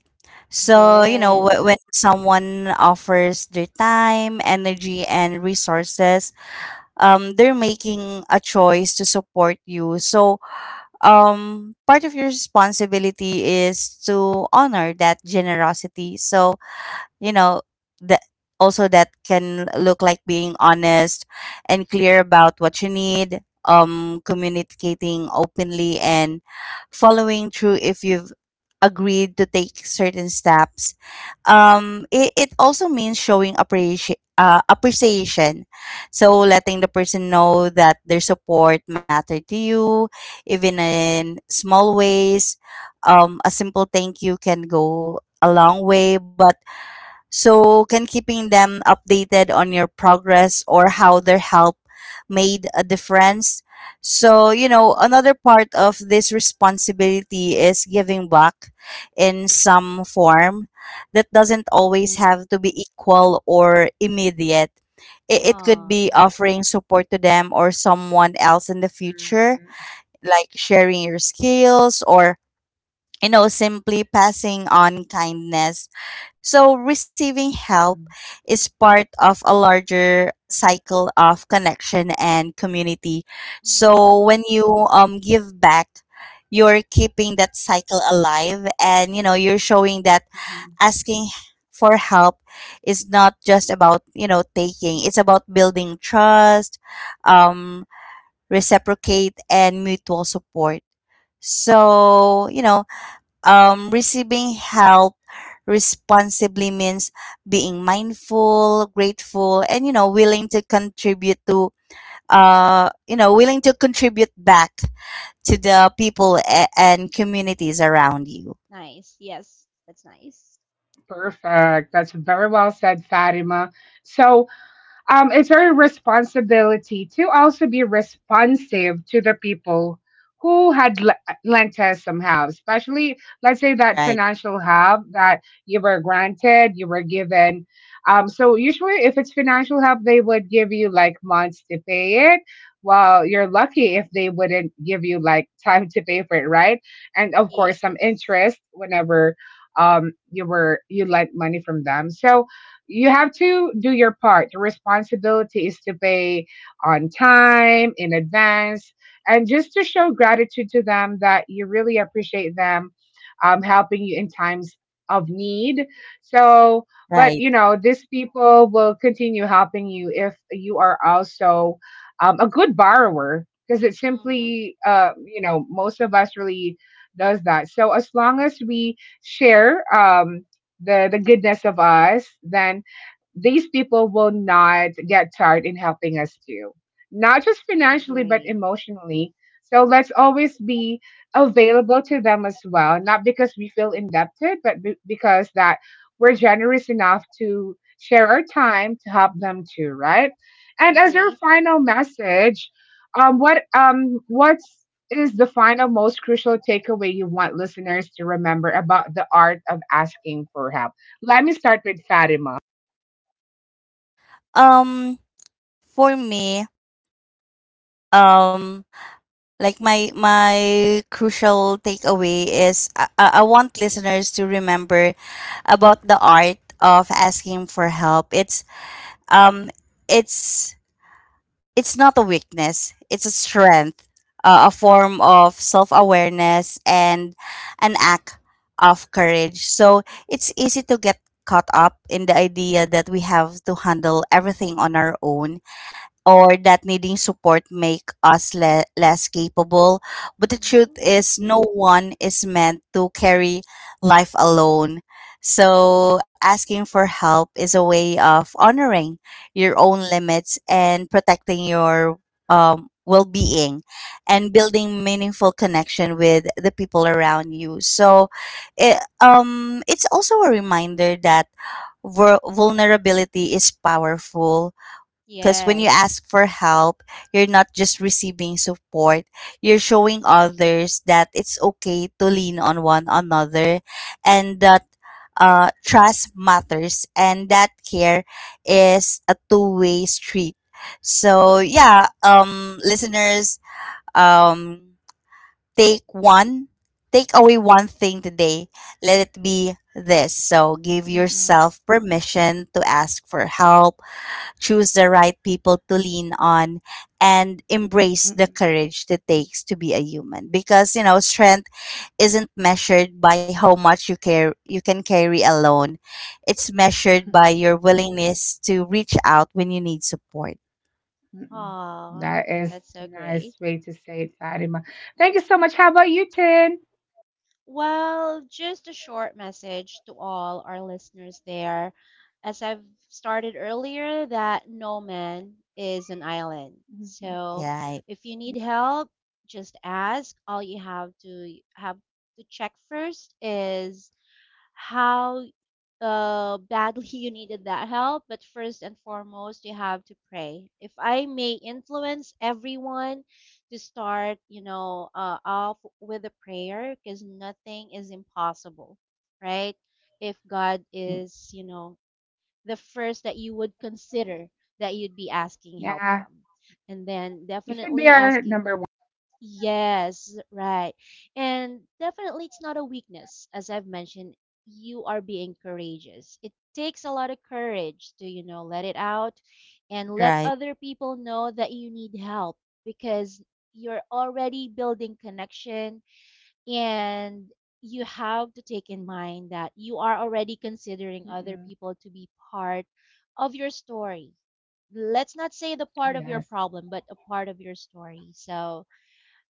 So, you know, wh- Yes. when someone offers their time, energy, and resources, um, they're making a choice to support you. So, um, part of your responsibility is to honor that generosity. So, you know, that also that can look like being honest and clear about what you need, um, communicating openly and following through if you've agreed to take certain steps. Um, it, it also means showing appreciation, uh, appreciation so letting the person know that their support matter to you, even in small ways. Um, a simple thank you can go a long way, but so, can keeping them updated on your progress or how their help made a difference. So, you know, another part of this responsibility is giving back in some form that doesn't always have to be equal or immediate. It, it could Oh. be offering support to them or someone else in the future, Mm, like sharing your skills or, you know, simply passing on kindness. So, receiving help mm, is part of a larger cycle of connection and community. So, when you um, give back, you're keeping that cycle alive, and you know, you're showing that mm, mm. asking for help is not just about, you know, taking. It's about building trust, um, reciprocate and mutual support. So, you know, um, receiving help responsibly means being mindful, grateful, and you know, willing to contribute to uh, you know, willing to contribute back to the people a- and communities around you. Nice. Yes, that's nice. Perfect. That's very well said, Fatima. So, um, it's our responsibility to also be responsive to the people who had le- lent us some help, especially, let's say, that Right, financial help that you were granted, you were given. Um, so, usually, if it's financial help, they would give you like months to pay it. Well, you're lucky if they wouldn't give you like [LAUGHS] time to pay for it, right? And of course, some Yes. interest whenever um you were you lent money from them, so you have to do your part. The responsibility is to pay on time, in advance, and just to show gratitude to them that you really appreciate them um, helping you in times of need. So, but you right. know, these people will continue helping you if you are also um, a good borrower because it Mm-hmm. simply, uh, you know, most of us really does that. So as long as we share um, the the goodness of us, then these people will not get tired in helping us too, not just financially, but Agree. emotionally. So let's always be available to them as well, not because we feel indebted, but be- because that we're generous enough to share our time to help them too, right? And as our Agree. final message, um, what um, what's is the final most crucial takeaway you want listeners to remember about the art of asking for help? Let me start with Fatima. um for me um Like my my crucial takeaway is, I, I I want listeners to remember about the art of asking for help. It's um it's it's not a weakness. It's a strength, uh, a form of self-awareness and an act of courage. So it's easy to get caught up in the idea that we have to handle everything on our own, or that needing support make us le- less capable. But the truth Mm-hmm. is, no one is meant to carry life alone. So asking for help is a way of honoring your own limits and protecting your um, well-being, and building meaningful connection with the people around you. So it, um, it's also a reminder that vul- vulnerability is powerful, because when you ask Yes. for help, you're not just receiving support, you're showing others that it's okay to lean on one another, and that uh, trust matters, and that care is a two way street. So, Mm-hmm. yeah, um, listeners, um, take one, take away one thing today. Let it be this. So, give Mm-mm, yourself permission to ask for help, choose the right people to lean on, and embrace the mm-mm, courage that takes to be a human. Because, you know, strength isn't measured by how much you care you can carry alone. It's measured by your [LAUGHS] willingness to reach out when you need support. mm-mm. Aw, That is that's so nice great. way to say it, Fatima. Thank you so much. How about you, Tin? Well, just a short message to all our listeners there. As I've started earlier, that no man is an island. Mhm. So Right, if you need help, just ask. All you have to have to check first is how uh, badly [LAUGHS] you needed that help. But first and foremost, you have to pray. If I may influence everyone to start, you know, uh, off with a prayer, because nothing is impossible, right? If God is, you know, the first that you would consider that you'd be asking help Yeah, from. And then you should be definitely our asking number one. Yes, right. And definitely it's not a weakness. As I've mentioned, you are being courageous. It takes a lot of courage to, you know, let it out and let right. other people know that you need help because you're already building connection and you have to take in mind that you are already considering other Mm-mm. people to be part of your story. Let's not say the part of your Yes. problem, but a part of your story. So,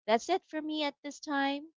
that's it for me at this time.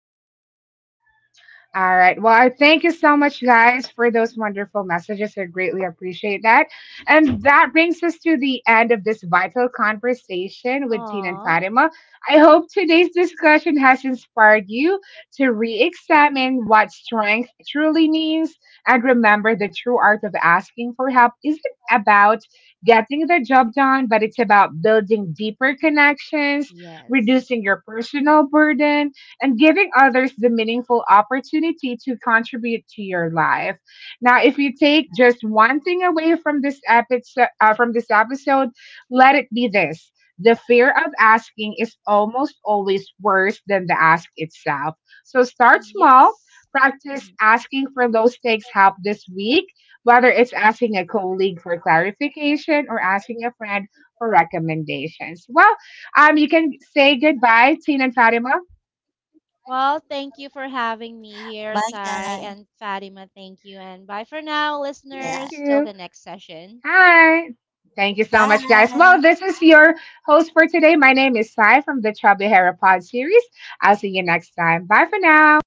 All right. Well, I thank you so much, guys, for those wonderful messages. I greatly appreciate that. And that brings us to the end of this vital conversation with Tina and Aw, Fatima. I hope today's discussion has inspired you to re examine what strength truly means, and remember, the true art of asking for help isn't about getting the job done, but it's about building deeper connections, yes. reducing your personal burden, and giving others the meaningful opportunity to contribute to your life. Now, if you take just one thing away from this episode, uh, from this episode, let it be this. The fear of asking is almost always worse than the ask itself. So start small, Yes. practice Mhm. asking for low stakes help this week, whether it's asking a colleague for clarification or asking a friend for recommendations. Well, um, you can say goodbye, Tina and Fatima. Well, thank you for having me here, Bye, Sai guys. and Fatima. Thank you. And bye for now, Thank Yeah. listeners. Till you. the next session. Hi. Thank you so much, guys. Well, Bye. this is your host for today. My name is Sai from the Trouble Hera Pod series. I'll see you next time. Bye for now.